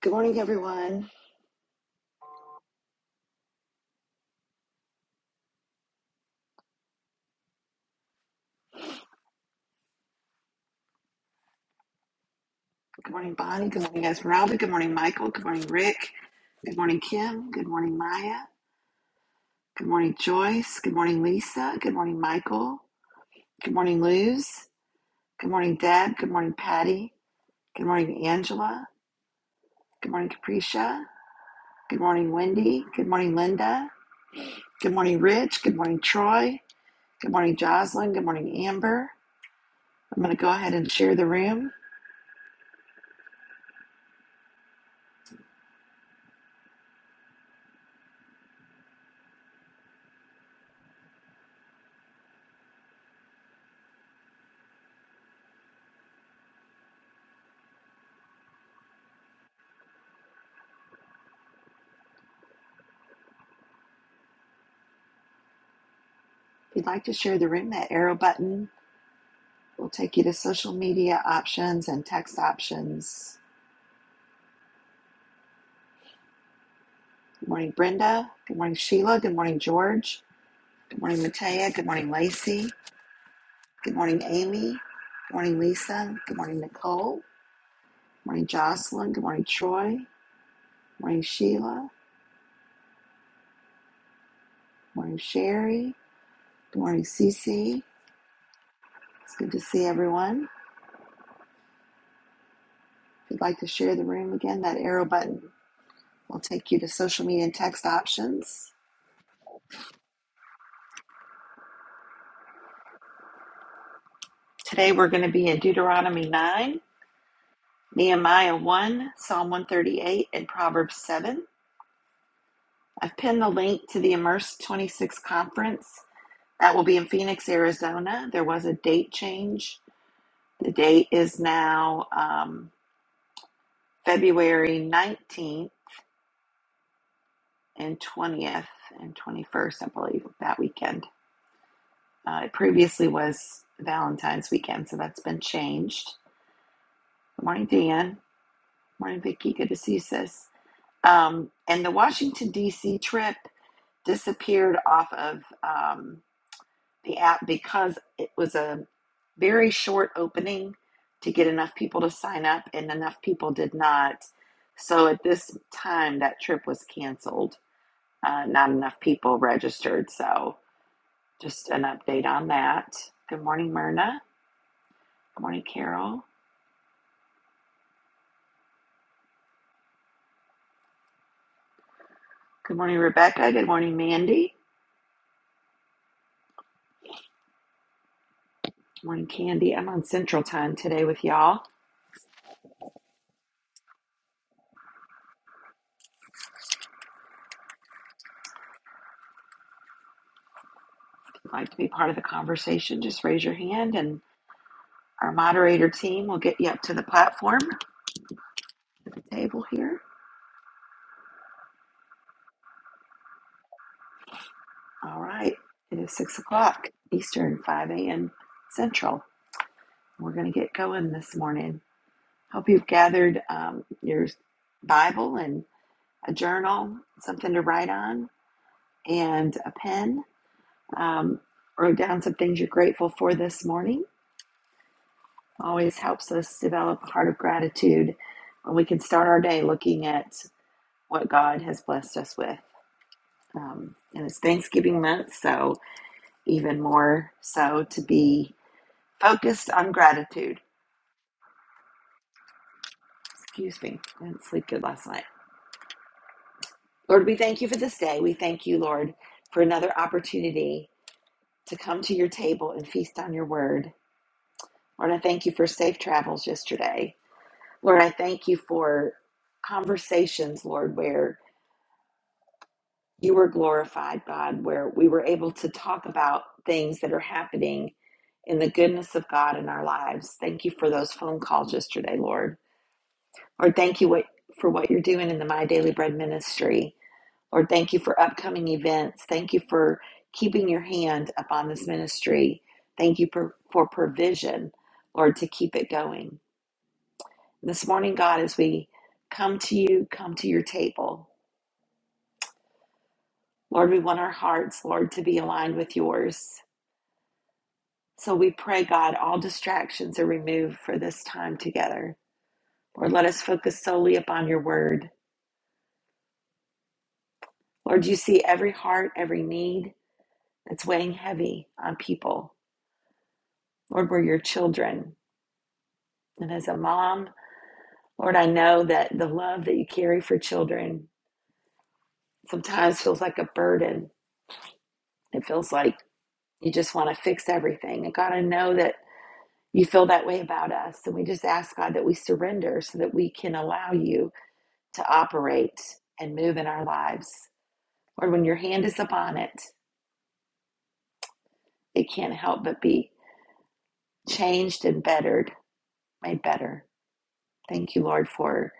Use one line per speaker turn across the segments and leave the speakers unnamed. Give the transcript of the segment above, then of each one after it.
Good morning, everyone. Good morning, Bonnie. Good morning, Esmeralda. Good morning, Michael. Good morning, Rick. Good morning, Kim. Good morning, Maya. Good morning, Joyce. Good morning, Lisa. Good morning, Michael. Good morning, Luz. Good morning, Deb. Good morning, Patty. Good morning, Angela. Good morning, Capricia. Good morning, Wendy. Good morning, Linda. Good morning, Rich. Good morning, Troy. Good morning, Jocelyn. Good morning, Amber. I'm going to go ahead and share the room. If you'd like to share the room, that arrow button We'll take you to social media options and text options. Good morning, Brenda. Good morning, Sheila. Good morning, George. Good morning, Matea. Good morning, Lacey. Good morning, Amy. Good morning, Lisa. Good morning, Nicole. Good morning, Jocelyn. Good morning, Troy. Good morning, Sheila. Good morning, Sherry. Good morning, Cece. It's good to see everyone. If you'd like to share the room again, that arrow button will take you to social media and text options. Today we're going to be in Deuteronomy 9. Nehemiah 1, Psalm 138, and Proverbs 7. I've pinned the link to the Immerse 26 conference. That will be in Phoenix, Arizona. There was a date change. The date is now um, February 19th and 20th and 21st, I believe, that weekend. Uh, it previously was Valentine's weekend, so that's been changed. Good morning, Dan. Morning, Vicki. Good to see you, sis. Um, and the Washington, D.C. trip disappeared off of um, the app because it was a very short opening to get enough people to sign up, and enough people did not. So at this time, that trip was canceled. Uh, not enough people registered. So just an update on that. Good morning, Myrna. Good morning, Carol. Good morning, Rebecca. Good morning, Mandy. Good morning, Candy. I'm on Central Time today with y'all. If you'd like to be part of the conversation, just raise your hand and Our moderator team will get you up to the platform, the table here. All right, it is six o'clock Eastern, 5 a.m. Central. We're going to get going this morning. Hope you've gathered um, your Bible and a journal, something to write on, and a pen. Um, wrote down some things you're grateful for this morning. Always helps us develop a heart of gratitude when we can start our day looking at what God has blessed us with. Um, and it's Thanksgiving month, so even more so to be focused on gratitude. Excuse me, I didn't sleep good last night. Lord, we thank you for this day. We thank you, Lord, for another opportunity to come to your table and feast on your word. Lord, I thank you for safe travels yesterday. Lord, I thank you for conversations, Lord, where You were glorified, God, where we were able to talk about things that are happening in the goodness of God in our lives. Thank you for those phone calls yesterday, Lord. Lord, thank you what, for what you're doing in the My Daily Bread ministry. Lord, thank you for upcoming events. Thank you for keeping your hand upon this ministry. Thank you for, for provision, Lord, to keep it going. This morning, God, as we come to you, come to your table. Lord, we want our hearts, Lord, to be aligned with yours. So we pray, God, all distractions are removed for this time together. Lord, let us focus solely upon your word. Lord, you see every heart, every need that's weighing heavy on people. Lord, we're your children. And as a mom, Lord, I know that the love that you carry for children sometimes feels like a burden. It feels like you just want to fix everything. And God, I know that you feel that way about us. And we just ask, God, that we surrender so that we can allow you to operate and move in our lives. Lord, when your hand is upon it, it can't help but be changed and bettered, made better. Thank you, Lord, for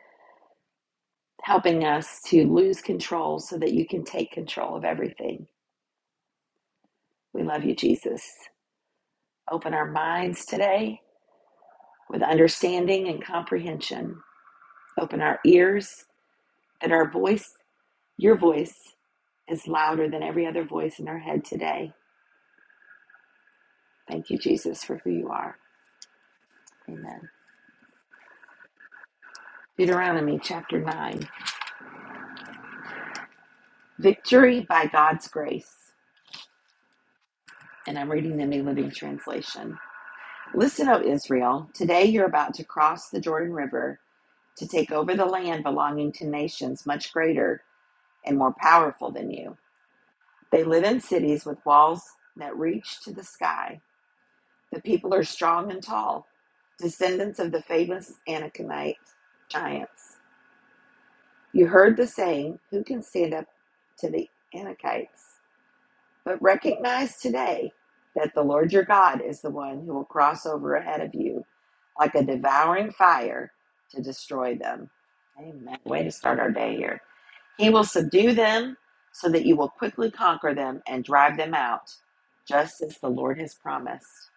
helping us to lose control so that you can take control of everything. We love you, Jesus. Open our minds today with understanding and comprehension. Open our ears that our voice, your voice, is louder than every other voice in our head today. Thank you, Jesus, for who you are. Amen. Deuteronomy chapter 9. Victory by God's grace. And I'm reading the New Living Translation. Listen, O Israel, today you're about to cross the Jordan River to take over the land belonging to nations much greater and more powerful than you. They live in cities with walls that reach to the sky. The people are strong and tall, descendants of the famous Anakinite giants. You heard the saying, Who can stand up to the Anakites? But recognize today that the Lord your God is the one who will cross over ahead of you like a devouring fire to destroy them. Amen. Way to start our day here. He will subdue them so that you will quickly conquer them and drive them out, just as the Lord has promised.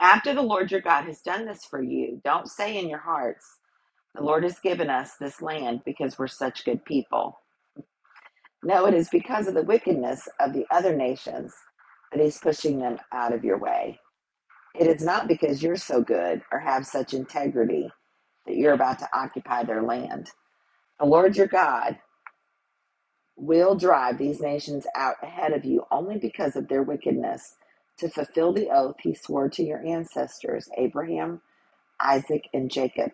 After the Lord your God has done this for you, don't say in your hearts, The Lord has given us this land because we're such good people. No, it is because of the wickedness of the other nations that he's pushing them out of your way. It is not because you're so good or have such integrity that you're about to occupy their land. The Lord your God will drive these nations out ahead of you only because of their wickedness to fulfill the oath he swore to your ancestors, Abraham, Isaac, and Jacob.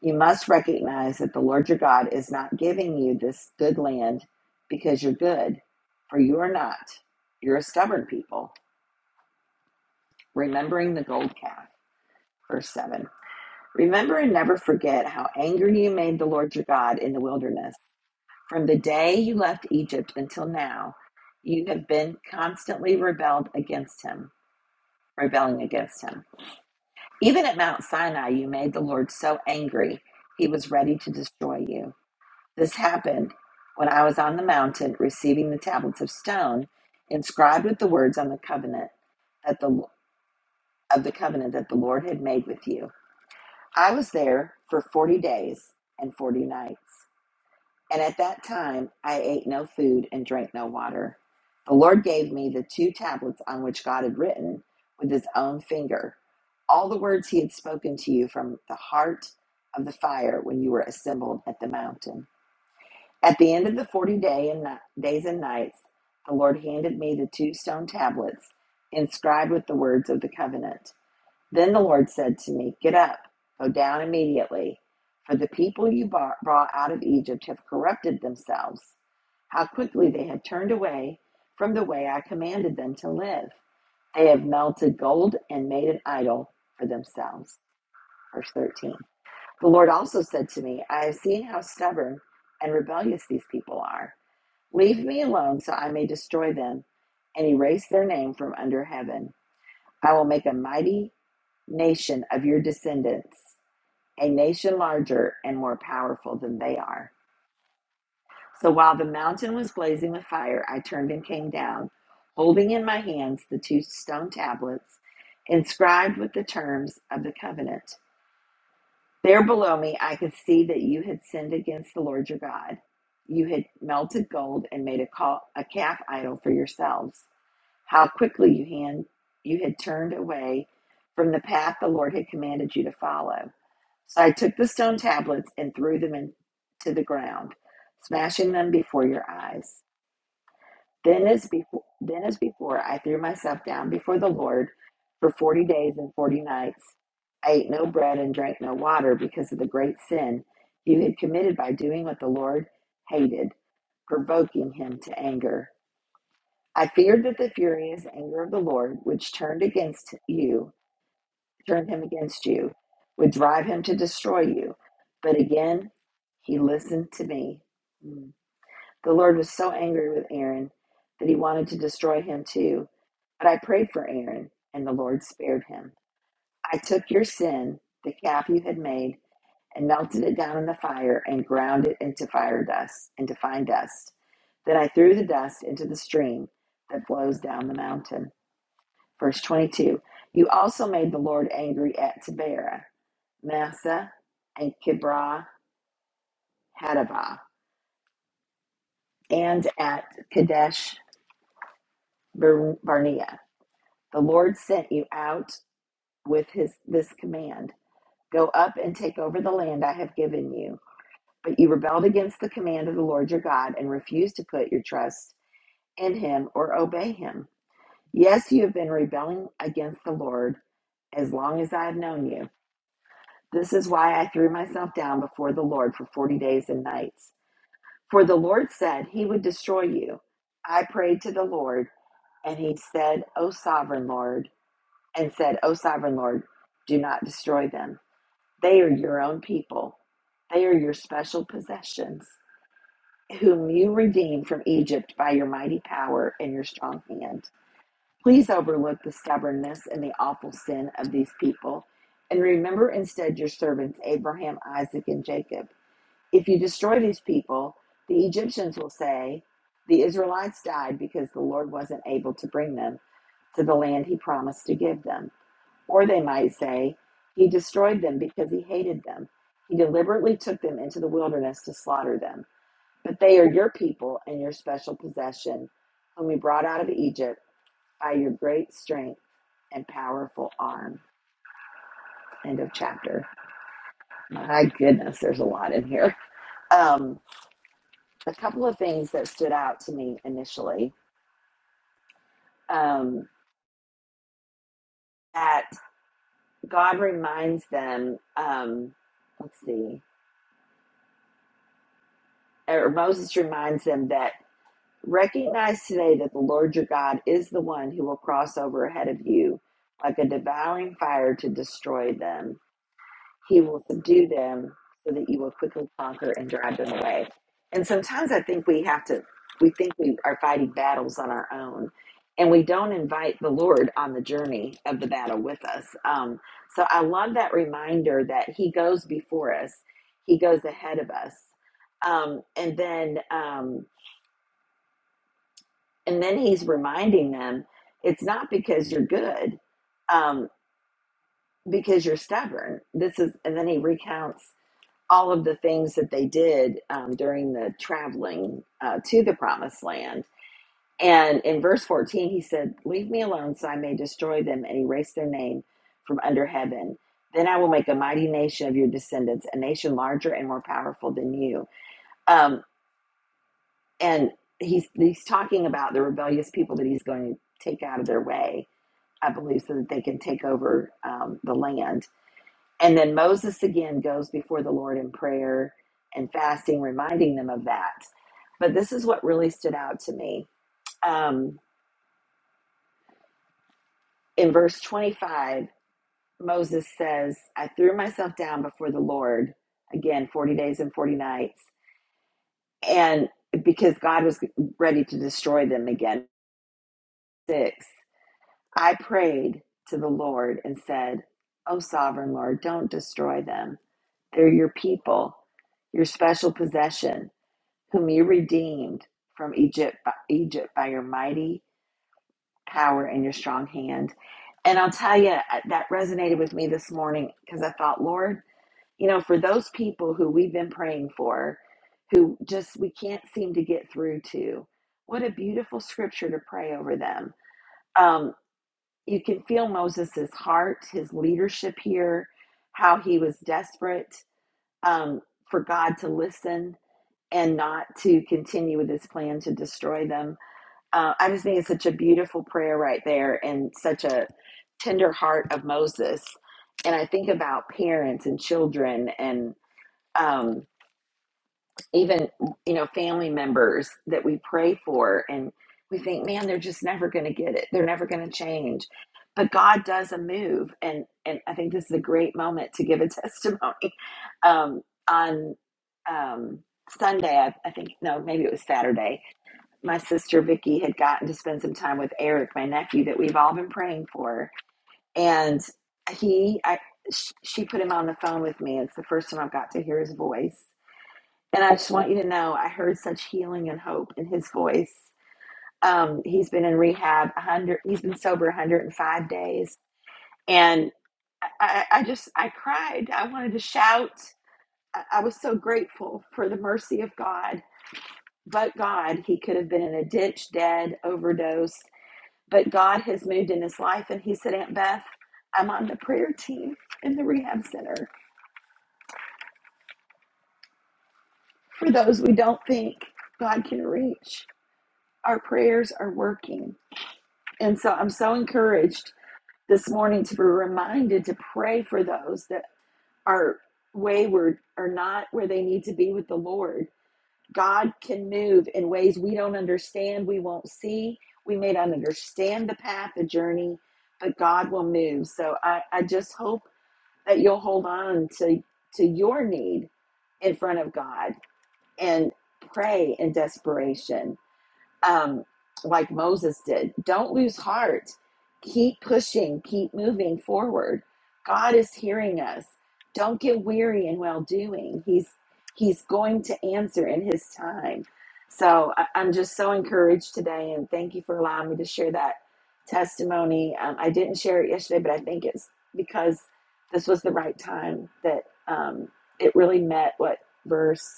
You must recognize that the Lord your God is not giving you this good land because you're good, for you are not. You're a stubborn people, remembering the gold calf. Verse 7. Remember and never forget how angry you made the Lord your God in the wilderness. From the day you left Egypt until now, you have been constantly rebelled against him, rebelling against him. Even at Mount Sinai, you made the Lord so angry, he was ready to destroy you. This happened when I was on the mountain receiving the tablets of stone inscribed with the words on the covenant that the of the covenant that the Lord had made with you. I was there for 40 days and 40 nights. And at that time I ate no food and drank no water. The Lord gave me the two tablets on which God had written with his own finger all the words he had spoken to you from the heart of the fire when you were assembled at the mountain. At the end of the forty day and ni- days and nights, the Lord handed me the two stone tablets inscribed with the words of the covenant. Then the Lord said to me, Get up, go down immediately, for the people you brought out of Egypt have corrupted themselves. How quickly they have turned away from the way I commanded them to live. They have melted gold and made an idol for themselves. Verse 13. The Lord also said to me, I have seen how stubborn and rebellious these people are. Leave me alone so I may destroy them and erase their name from under heaven. I will make a mighty nation of your descendants, a nation larger and more powerful than they are. So while the mountain was blazing with fire, I turned and came down, holding in my hands the two stone tablets inscribed with the terms of the covenant. There below me, I could see that you had sinned against the Lord your God. You had melted gold and made a, ca- a calf idol for yourselves. How quickly you had you had turned away from the path the Lord had commanded you to follow. So I took the stone tablets and threw them into the ground, smashing them before your eyes. Then as before then as before I threw myself down before the Lord for forty days and forty nights. I ate no bread and drank no water because of the great sin you had committed by doing what the Lord hated, provoking him to anger. I feared that the furious anger of the Lord, which turned against you, turned him against you, would drive him to destroy you. But again, he listened to me. Mm. The Lord was so angry with Aaron that he wanted to destroy him too. But I prayed for Aaron, and the Lord spared him. I took your sin, the calf you had made, and melted it down in the fire and ground it into fire dust, into fine dust. Then I threw the dust into the stream that flows down the mountain. Verse 22 You also made the Lord angry at Taberah, Massa, and Kibrah Hadavah, and at Kadesh Bar- Barnea. The Lord sent you out with his this command: Go up and take over the land I have given you. But you rebelled against the command of the Lord your God and refused to put your trust in him or obey him. Yes, you have been rebelling against the Lord as long as I have known you. This is why I threw myself down before the Lord for 40 days and nights. For the Lord said he would destroy you. I prayed to the Lord, and he said, O sovereign Lord, and said, O sovereign Lord, do not destroy them. They are your own people, they are your special possessions, whom you redeemed from Egypt by your mighty power and your strong hand. Please overlook the stubbornness and the awful sin of these people, and remember instead your servants Abraham, Isaac, and Jacob. If you destroy these people, the Egyptians will say, The Israelites died because the Lord wasn't able to bring them to the land he promised to give them. Or they might say, He destroyed them because he hated them. He deliberately took them into the wilderness to slaughter them. But they are your people and your special possession, whom he brought out of Egypt by your great strength and powerful arm. End of chapter. My goodness, there's a lot in here. Um, a couple of things that stood out to me initially um, that God reminds them, um, let's see, or Moses reminds them that recognize today that the Lord your God is the one who will cross over ahead of you like a devouring fire to destroy them He will subdue them so that you will quickly conquer and drive them away. And sometimes I think we have to, we think we are fighting battles on our own and we don't invite the Lord on the journey of the battle with us. Um, so I love that reminder that He goes before us, He goes ahead of us. Um, and then, um, and then He's reminding them it's not because you're good, um, because you're stubborn. This is, and then He recounts all of the things that they did um, during the traveling uh, to the promised land. And in verse 14, he said, Leave me alone so I may destroy them and erase their name from under heaven. Then I will make a mighty nation of your descendants, a nation larger and more powerful than you. Um, and he's, he's talking about the rebellious people that he's going to take out of their way, I believe, so that they can take over um, the land and then Moses again goes before the Lord in prayer and fasting, reminding them of that. But this is what really stood out to me. Um, in verse 25, Moses says, I threw myself down before the Lord, again, 40 days and 40 nights, and because God was ready to destroy them again. Six, I prayed to the Lord and said, Oh, sovereign Lord, don't destroy them. They're your people, your special possession. whom you redeemed from Egypt by, Egypt by your mighty power and your strong hand. And I'll tell you, that resonated with me this morning because I thought, Lord, you know, for those people who we've been praying for, who just we can't seem to get through to, what a beautiful scripture to pray over them. Um, you can feel Moses's heart, his leadership here, how he was desperate um, for God to listen and not to continue with his plan to destroy them. Uh, I just think it's such a beautiful prayer right there and such a tender heart of Moses. And I think about parents and children and um, even you know family members that we pray for and we think man they're just never going to get it they're never going to change but god does a move and and i think this is a great moment to give a testimony um on um sunday i, I think no maybe it was saturday my sister vicky had gotten to spend some time with eric my nephew that we've all been praying for and he i sh- she put him on the phone with me it's the first time i've got to hear his voice and I just want you to know, I heard such healing and hope in his voice. Um, he's been in rehab 100, he's been sober 105 days. And I, I I just, I cried. I wanted to shout. I, I was so grateful for the mercy of God. But God, he could have been in a ditch, dead, overdosed. But God has moved in his life. And he said, Aunt Beth, I'm on the prayer team in the rehab center for those we don't think God can reach. Our prayers are working. And so I'm so encouraged this morning to be reminded to pray for those that are wayward or not where they need to be with the Lord. God can move in ways we don't understand, we won't see. We may not understand the path, the journey, but God will move. So I, I just hope that you'll hold on to, to your need in front of God and pray in desperation um, like Moses did. Don't lose heart. Keep pushing, keep moving forward. God is hearing us. Don't get weary in well doing. He's He's going to answer in His time. So I, I'm just so encouraged today, and thank you for allowing me to share that testimony. Um, I didn't share it yesterday, but I think it's because this was the right time that um, it really met what verse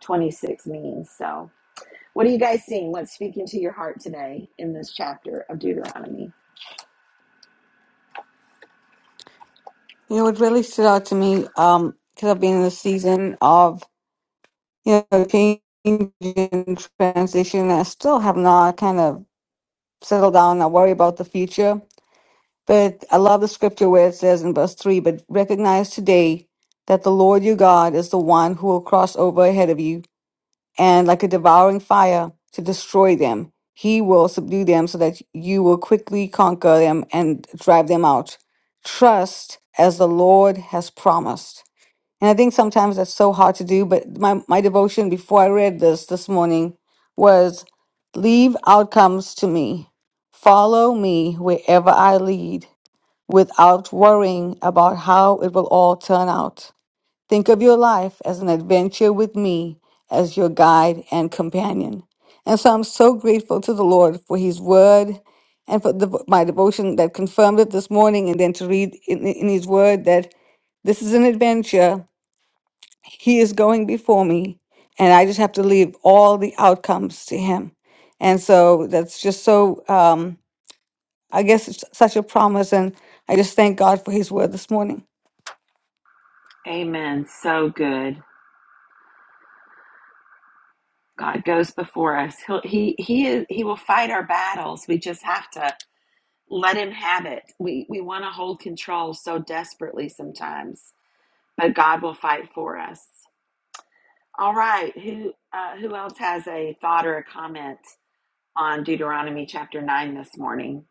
26 means. So. What are you guys seeing? What's speaking to your heart today in this chapter of Deuteronomy?
You know, what really stood out to me, um, because I've been in the season of, you know, change and transition. I still have not kind of settled down. I worry about the future. But I love the scripture where it says in verse 3 But recognize today that the Lord your God is the one who will cross over ahead of you and like a devouring fire to destroy them. He will subdue them so that you will quickly conquer them and drive them out. Trust as the Lord has promised. And I think sometimes that's so hard to do. But my, my devotion before I read this this morning was leave outcomes to me. Follow me wherever I lead without worrying about how it will all turn out. Think of your life as an adventure with me as your guide and companion. And so I'm so grateful to the Lord for his word and for the, my devotion that confirmed it this morning and then to read in, in his word that this is an adventure he is going before me, and I just have to leave all the outcomes to Him. And so that's just so, um, I guess it's such a promise. And I just thank God for His word this morning.
Amen. So good. God goes before us. He'll, he he is, he will fight our battles. We just have to let him have it. We we want to hold control so desperately sometimes, but God will fight for us. All right. Who uh, who else has a thought or a comment on Deuteronomy chapter nine this morning?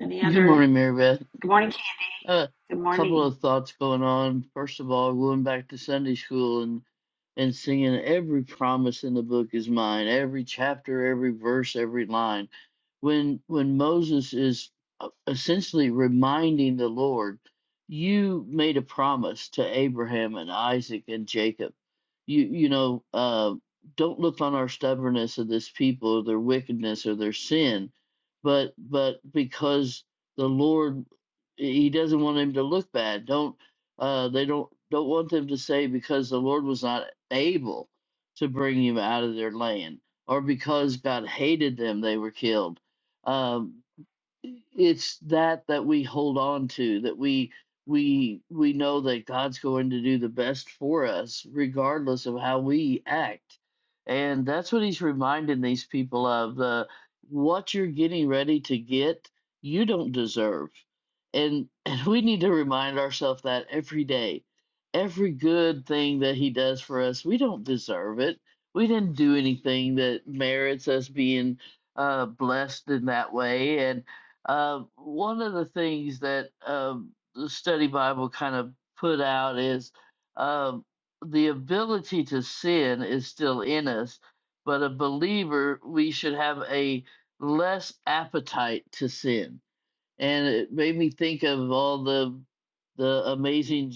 Any
Good
other?
morning, Mary Beth.
Good morning, Candy.
A
Good
couple
morning.
of thoughts going on. First of all, going back to Sunday school and and singing every promise in the book is mine, every chapter, every verse, every line. When when Moses is uh, essentially reminding the Lord, you made a promise to Abraham and Isaac and Jacob. You you know, uh, don't look on our stubbornness of this people, their wickedness or their sin, but but because the Lord he doesn't want him to look bad. Don't uh, they don't don't want them to say because the Lord was not able to bring him out of their land, or because God hated them, they were killed. Um, it's that that we hold on to that we we we know that god's going to do the best for us regardless of how we act and that's what he's reminding these people of the what you're getting ready to get you don't deserve and, and we need to remind ourselves that every day every good thing that he does for us we don't deserve it we didn't do anything that merits us being uh, blessed in that way and. Uh, one of the things that um, the study Bible kind of put out is um, the ability to sin is still in us, but a believer, we should have a less appetite to sin and it made me think of all the the amazing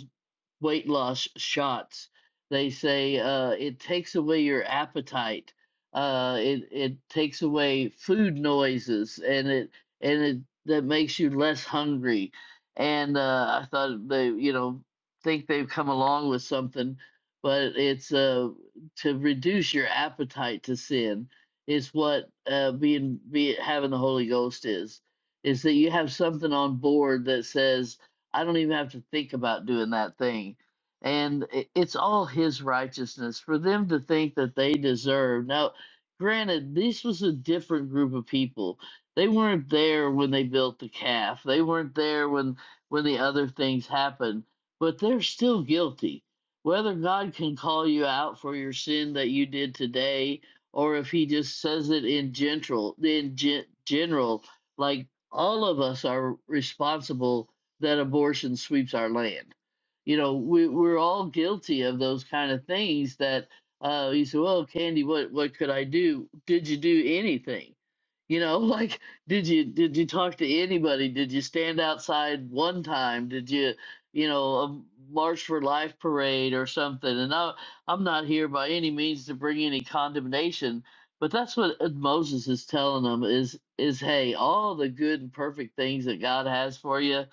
weight loss shots. They say uh, it takes away your appetite. Uh, it it takes away food noises, and it and it that makes you less hungry. And uh, I thought they, you know, think they've come along with something, but it's uh, to reduce your appetite to sin. Is what uh, being be having the Holy Ghost is is that you have something on board that says, I don't even have to think about doing that thing. And i- it's all his righteousness for them to think that they deserve. Now, granted, this was a different group of people. They weren't there when they built the calf. They weren't there when when the other things happened, but they're still guilty. Whether God can call you out for your sin that you did today, or if He just says it in general, in gen- general, like all of us are responsible that abortion sweeps our land. You know, we, we're all guilty of those kind of things that uh, you say, well, Candy, what, what could I do? Did you do anything? You know, like did you did you talk to anybody? Did you stand outside one time? Did you, you know, a March for Life parade or something? And I, I'm not here by any means to bring any condemnation but that's what uh, Moses is telling them is is hey, all the good and perfect things that God has for you,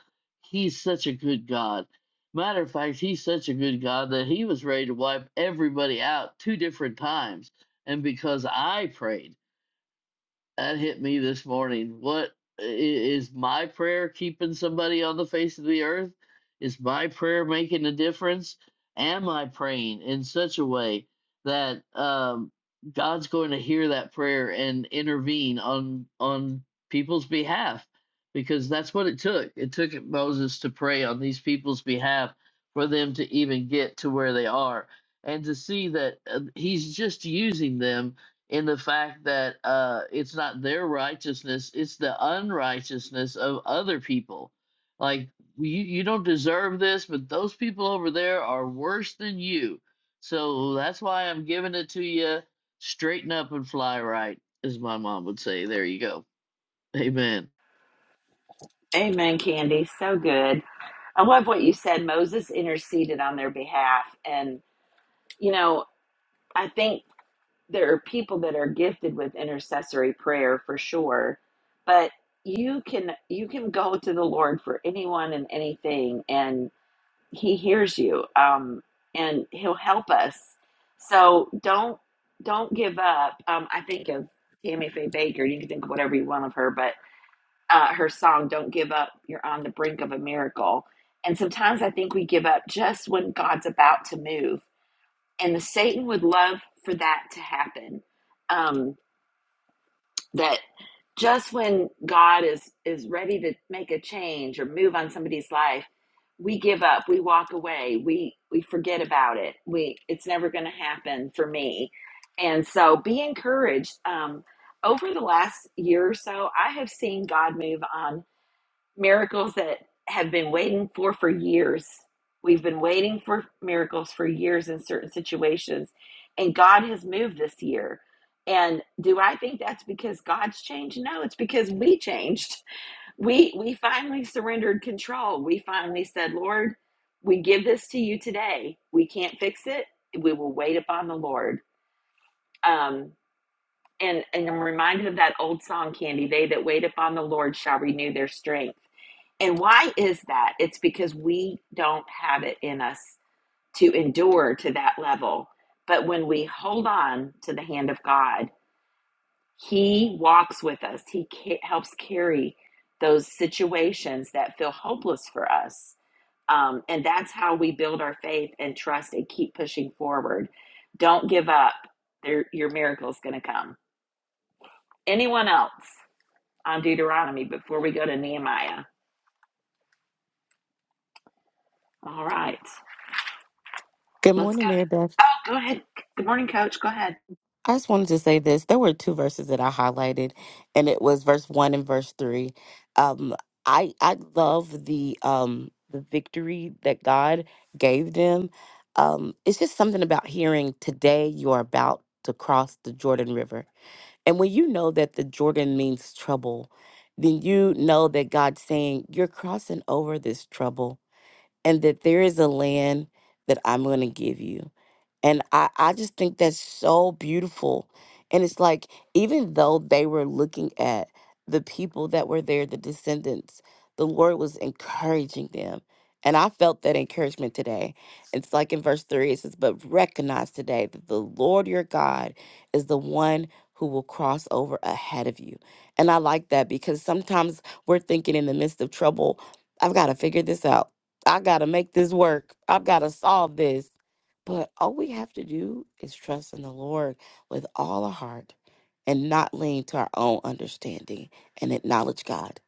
he's such a good God. Matter of fact, he's such a good God that he was ready to wipe everybody out two different times. And because I prayed, that hit me this morning. What i- is my prayer keeping somebody on the face of the earth? Is my prayer making a difference? Am I praying in such a way that um, God's going to hear that prayer and intervene on on people's behalf? Because that's what it took. It took Moses to pray on these people's behalf for them to even get to where they are, and to see that uh, he's just using them in the fact that uh, it's not their righteousness, it's the unrighteousness of other people. Like, you, you don't deserve this, but those people over there are worse than you. So that's why I'm giving it to you. Straighten up and fly right, as my mom would say. There you go. Amen.
Amen, Candy. So good. I love what you said. Moses interceded on their behalf. And, you know, I think there are people that are gifted with intercessory prayer for sure. But you can you can go to the Lord for anyone and anything and he hears you. Um and he'll help us. So don't don't give up. Um I think of Tammy Faye Baker, you can think of whatever you want of her, but uh, her song "Don't Give Up." You're on the brink of a miracle, and sometimes I think we give up just when God's about to move, and the Satan would love for that to happen. Um, that just when God is is ready to make a change or move on somebody's life, we give up, we walk away, we we forget about it. We it's never going to happen for me, and so be encouraged. Um, over the last year or so, I have seen God move on miracles that have been waiting for for years. We've been waiting for miracles for years in certain situations, and God has moved this year. And do I think that's because God's changed? No, it's because we changed. We we finally surrendered control. We finally said, "Lord, we give this to you today. We can't fix it. We will wait upon the Lord." Um, and and I'm reminded of that old song, Candy. They that wait upon the Lord shall renew their strength and why is that? It's because we don't have it in us to endure to that level. But when we hold on to the hand of God, He walks with us, He ca- helps carry those situations that feel hopeless for us. Um, and that's how we build our faith and trust and keep pushing forward. Don't give up. There, your miracle is going to come. Anyone else on Deuteronomy before we go to Nehemiah? All right.
Good
Let's go.
morning, Mary Beth.
Oh, go ahead. Good morning, Coach. Go ahead.
I just wanted to say this. There were two verses that I highlighted, and it was verse one and verse three. Um, I I love the um the victory that God gave them. Um, it's just something about hearing today you are about to cross the Jordan River, and when you know that the Jordan means trouble, then you know that God's saying you're crossing over this trouble, and that there is a land that I'm going to give you And I, I just think that's so beautiful. And it's like, even though they were looking at the people that were there, the descendants, the Lord was encouraging them. And I felt that encouragement today. It's like in verse three, it says, But recognize today that the Lord your God is the one who will cross over ahead of you. And I like that because sometimes we're thinking in the midst of trouble, I've got to figure this out. I got to make this work. I've got to solve this. But all we have to do is trust in the Lord with all our heart and not lean to our own understanding and acknowledge God.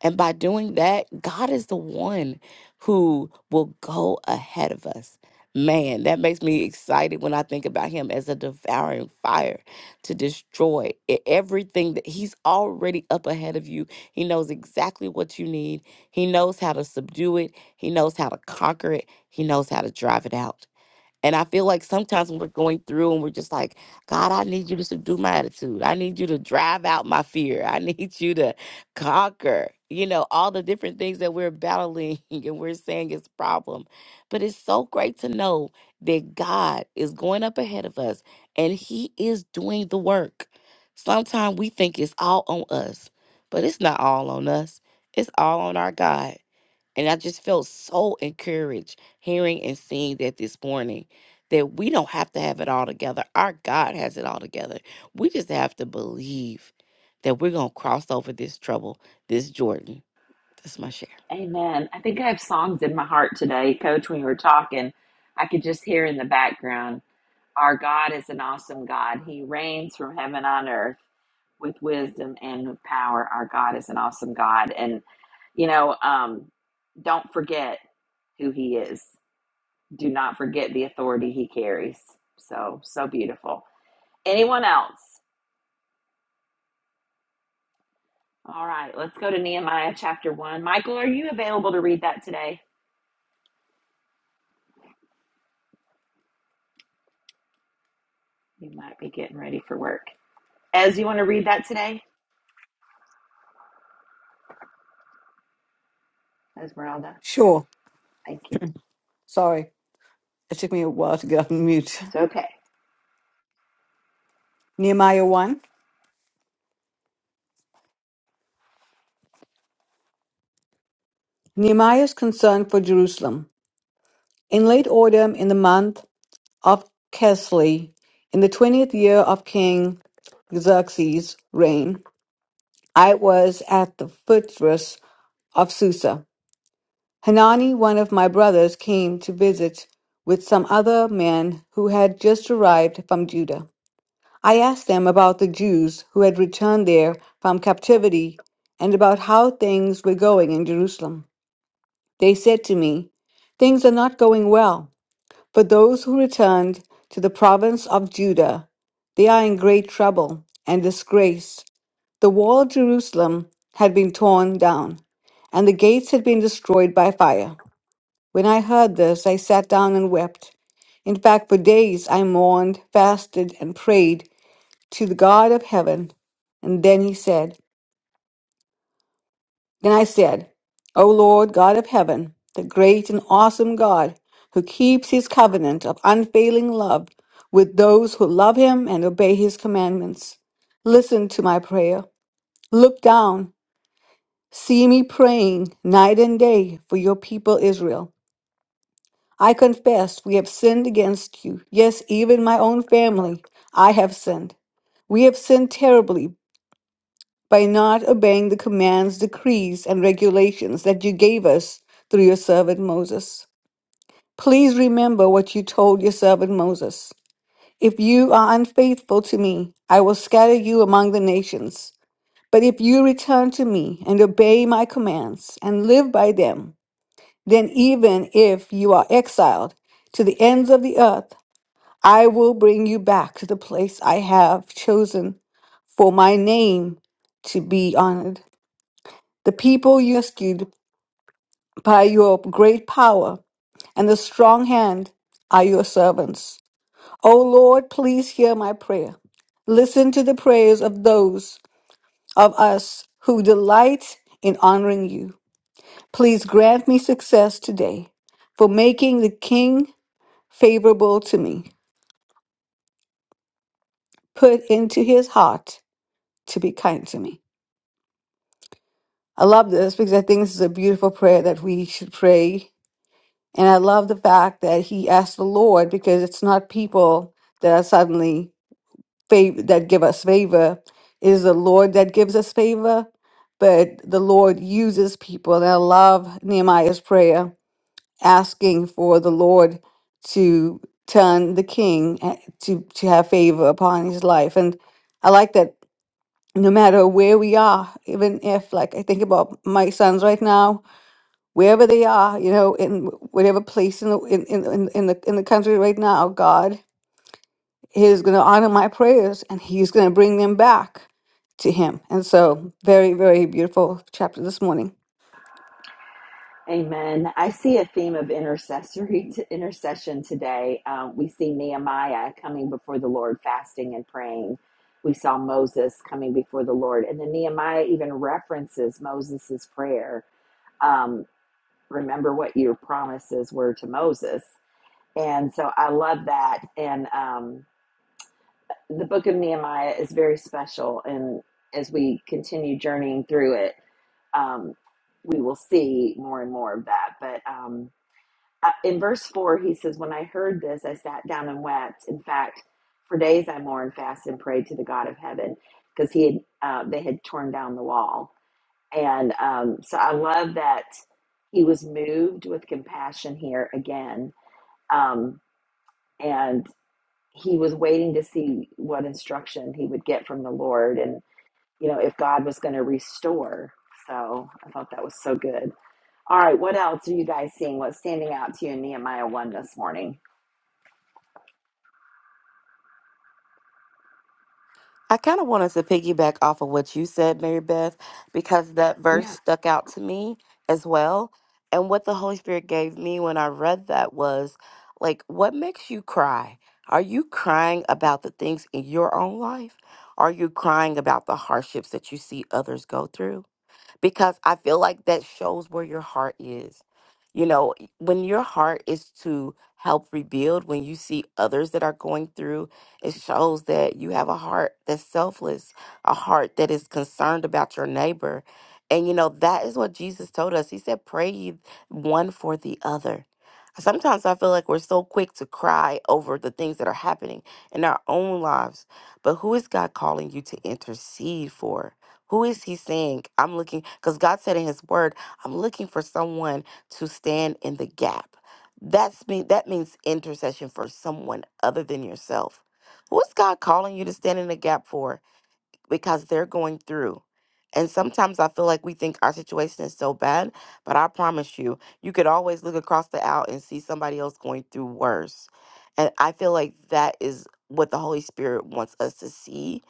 And by doing that, God is the one who will go ahead of us. Man, that makes me excited when I think about him as a devouring fire to destroy e- everything that he's already up ahead of you. He knows exactly what you need, he knows how to subdue it, he knows how to conquer it, he knows how to drive it out. And I feel like sometimes when we're going through and we're just like, God, I need you to subdue my attitude. I need you to drive out my fear. I need you to conquer, you know, all the different things that we're battling and we're saying is problem. But it's so great to know that God is going up ahead of us and He is doing the work. Sometimes we think it's all on us, but it's not all on us. It's all on our God. And I just felt so encouraged hearing and seeing that this morning that we don't have to have it all together. Our God has it all together. We just have to believe that we're going to cross over this trouble, this Jordan. That's my share.
Amen. I think I have songs in my heart today, Coach. When you were talking, I could just hear in the background, Our God is an awesome God. He reigns from heaven on earth with wisdom and with power. Our God is an awesome God. And, you know, um, don't forget who He is, do not forget the authority He carries. So, so beautiful. Anyone else? All right, let's go to Nehemiah chapter 1. Michael, are you available to read that today? You might be getting ready for work. Ez, you want to read that today? Esmeralda,
Sure.
thank you.
Sorry. It took me a while to get off mute.
It's okay.
Nehemiah 1. Nehemiah's concern for Jerusalem. In late autumn, in the month of Kesli, in the 20th year of King Xerxes' reign, I was at the fortress of Susa Hanani, one of my brothers, came to visit with some other men who had just arrived from Judah. I asked them about the Jews who had returned there from captivity and about how things were going in Jerusalem. They said to me, Things are not going well. For those who returned to the province of Judah, they are in great trouble and disgrace. The wall of Jerusalem had been torn down, and the gates had been destroyed by fire. When I heard this, I sat down and wept. In fact, for days I mourned, fasted, and prayed to the God of heaven. And then he said, Then I said, O Lord God of heaven, the great and awesome God, who keeps his covenant of unfailing love with those who love him and obey his commandments. Listen to my prayer. Look down. See me praying night and day for your people Israel. I confess we have sinned against you. Yes, even my own family, I have sinned. We have sinned terribly by not obeying the commands, decrees, and regulations that you gave us through your servant Moses. Please remember what you told your servant Moses. If you are unfaithful to me, I will scatter you among the nations. But if you return to me and obey my commands and live by them, then even if you are exiled to the ends of the earth, I will bring you back to the place I have chosen for my name to be honored. The people you rescued by your great power and the strong hand are your servants. O Lord, please hear my prayer. Listen to the prayers of those of us who delight in honoring you. Please grant me success today for making the king favorable to me. Put into his heart to be kind to me. I love this because I think this is a beautiful prayer that we should pray. And I love the fact that he asked the Lord because it's not people that are suddenly fav- that give us favor. It is the Lord that gives us favor, but the Lord uses people. And I love Nehemiah's prayer asking for the Lord to turn the king eh, to, to have favor upon his life. And I like that no matter where we are, even if, like, I think about my sons right now wherever they are, you know, in whatever place in the in in in, in the in the country right now, God is going to honor my prayers, and He's going to bring them back to Him. And so, very very beautiful chapter this morning.
Amen. I see a theme of intercessory intercession today. Um, we see Nehemiah coming before the Lord, fasting and praying. We saw Moses coming before the Lord, and then Nehemiah even references Moses's prayer. Um, remember what your promises were to Moses. And so I love that. And um, the book of Nehemiah is very special. And as we continue journeying through it, um, we will see more and more of that. But um, uh, in verse 4, he says, When I heard this, I sat down and wept. In fact, for days I mourned, fasted, and prayed to the God of heaven because he had, uh, they had torn down the wall. And um, so I love that he was moved with compassion here again. Um, and he was waiting to see what instruction he would get from the Lord and, you know, if God was going to restore. So I thought that was so good. All right, what else are you guys seeing? What's standing out to you in Nehemiah 1 this morning?
I kind of wanted to piggyback off of what you said, Mary Beth, because that verse
Yeah,
stuck out to me as well. And what the Holy Spirit gave me when I read that was like, what makes you cry? Are you crying about the things in your own life? Are you crying about the hardships that you see others go through? because I feel like that shows where your heart is. You know, y- when your heart is to help rebuild, when you see others that are going through, it shows that you have a heart that's selfless, a heart that is concerned about your neighbor. And, you know, that is what Jesus told us. He said, pray ye one for the other. Sometimes I feel like we're so quick to cry over the things that are happening in our own lives, but who is God calling you to intercede for? Who is he saying? I'm looking, because God said in his word, I'm looking for someone to stand in the gap. That's me. That means intercession for someone other than yourself. Who is God calling you to stand in the gap for? because they're going through. And sometimes I feel like we think our situation is so bad, but I promise you, you could always look across the aisle and see somebody else going through worse. And I feel like that is what the Holy Spirit wants us to see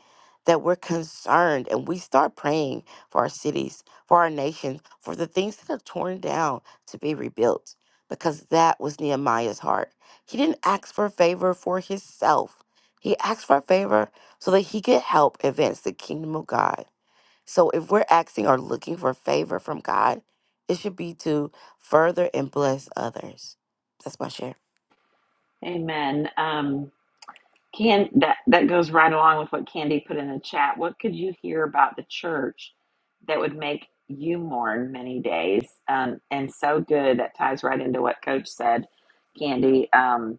that we're concerned and we start praying for our cities, for our nations, for the things that are torn down to be rebuilt, because that was Nehemiah's heart. He didn't ask for favor for himself, he asked for favor so that he could help advance the kingdom of God. So if we're asking or looking for favor from God, it should be to further and bless others. That's my share.
amen. Um, can that that goes right along with what Candy put in the chat. What could you hear about the church that would make you mourn many days? Um, and so good that ties right into what Coach said, Candy. Um.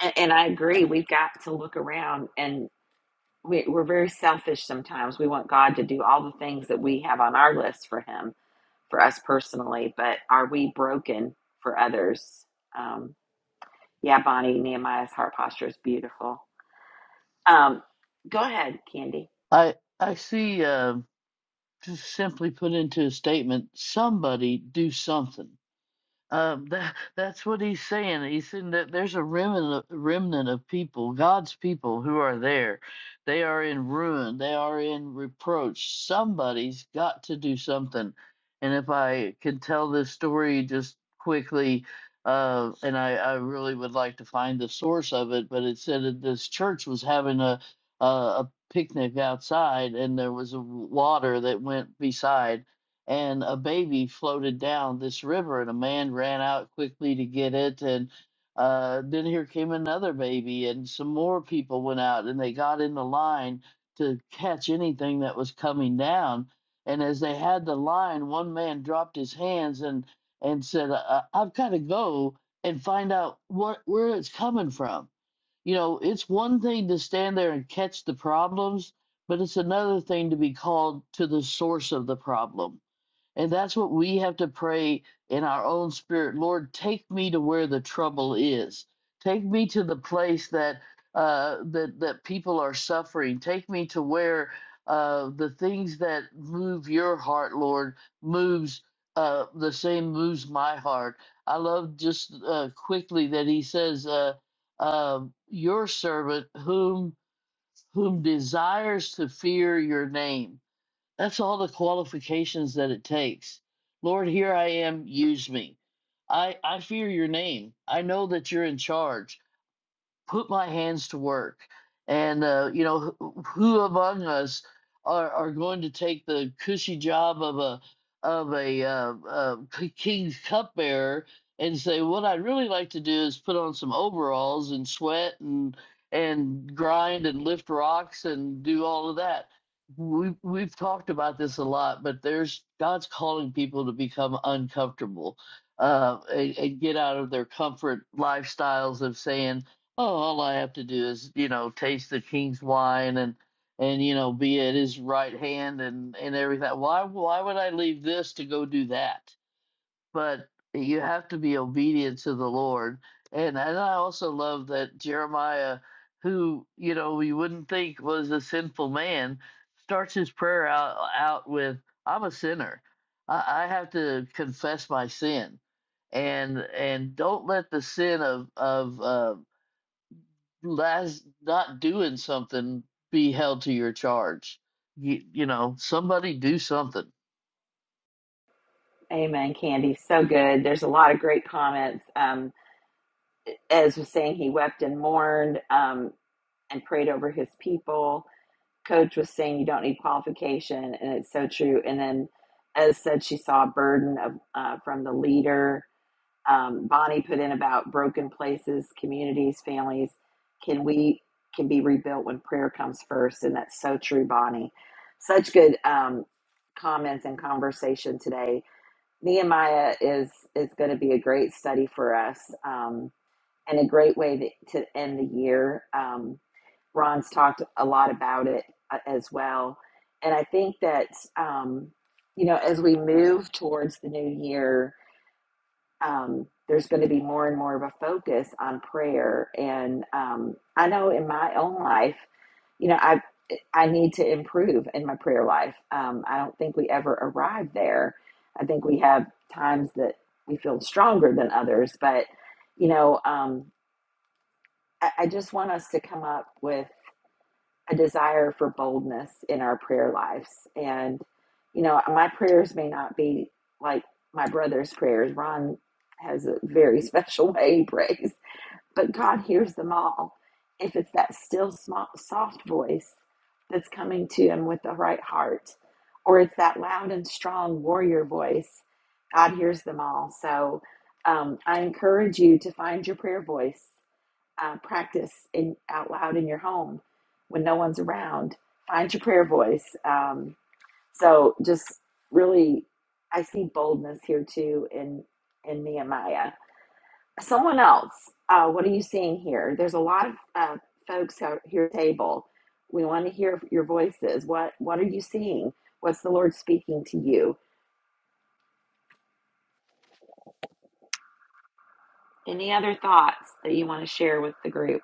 And, and I agree. We've got to look around, and we, we're very selfish sometimes. We want God to do all the things that we have on our list for Him, for us personally. But are we broken for others? Um, yeah, Bonnie, Nehemiah's heart posture is beautiful. Um, go ahead, Candy.
I, I see, uh, just simply put into a statement somebody do something Um, that that's what he's saying. He's saying that there's a remnant remnant of people, God's people, who are there. They are in ruin. They are in reproach. Somebody's got to do something. And if I can tell this story just quickly, uh, and I, I really would like to find the source of it, but it said that this church was having a a, a picnic outside, and there was a water that went beside and a baby floated down this river and a man ran out quickly to get it and uh, then here came another baby and some more people went out and they got in the line to catch anything that was coming down and as they had the line one man dropped his hands and and said uh, i've got to go and find out what where it's coming from you know it's one thing to stand there and catch the problems but it's another thing to be called to the source of the problem and that's what we have to pray in our own spirit. Lord, take me to where the trouble is. Take me to the place that uh, that that people are suffering. Take me to where uh, the things that move your heart, Lord, moves uh, the same moves my heart. I love just uh, quickly that he says, uh, uh, "Your servant, whom whom desires to fear your name." That's all the qualifications that it takes. Lord, here I am, use me. I, I fear your name. I know that you're in charge put my hands to work. And, uh, you know, who, who among us are, are going to take the cushy job of a of a uh, uh, k- king's cupbearer and say, what I'd really like to do is put on some overalls and sweat and and grind and lift rocks and do all of that. we we've talked about this a lot, but there's God's calling people to become uncomfortable uh, and, and get out of their comfort lifestyles of saying, Oh, all I have to do is, you know, taste the king's wine and and you know, be at his right hand and and everything. Why why would I leave this to go do that? But you have to be obedient to the Lord. And and I also love that Jeremiah, who, you know, we wouldn't think was a sinful man, starts his prayer out out with, I'm a sinner. I, I have to confess my sin and and don't let the sin of of uh that's not doing something be held to your charge. You, you know, somebody do something.
Amen, Candy. So good. There's a lot of great comments. Um, Ez was saying he wept and mourned um, and prayed over his people coach was saying you don't need qualification, and it's so true. And then Ez said she saw a burden of, uh, from the leader. Um, Bonnie put in about broken places, communities, families. Can we can be rebuilt when prayer comes first? And that's so true, Bonnie. Such good um, comments and conversation today. Nehemiah is is going to be a great study for us um, and a great way to, to end the year. Um, Ron's talked a lot about it uh, as well. And I think that, um, you know, as we move towards the new year, um, there's going to be more and more of a focus on prayer. And um, I know in my own life, you know, I I need to improve in my prayer life. Um, I don't think we ever arrive there. I think we have times that we feel stronger than others, but you know, um, I, I just want us to come up with a desire for boldness in our prayer lives. And, you know, my prayers may not be like my brother's prayers. Ron has a very special way he prays, but God hears them all. If it's that still small, soft voice that's coming to him with the right heart, or it's that loud and strong warrior voice, God hears them all. So um, I encourage you to find your prayer voice uh, practice in out loud in your home when no one's around. Find your prayer voice. Um, so just really, I see boldness here too in in Nehemiah. Someone else, uh, what are you seeing here? There's a lot of uh, folks out here at the table. We want to hear your voices. What what are you seeing? What's the Lord speaking to you? Any other thoughts that you want to share with the group?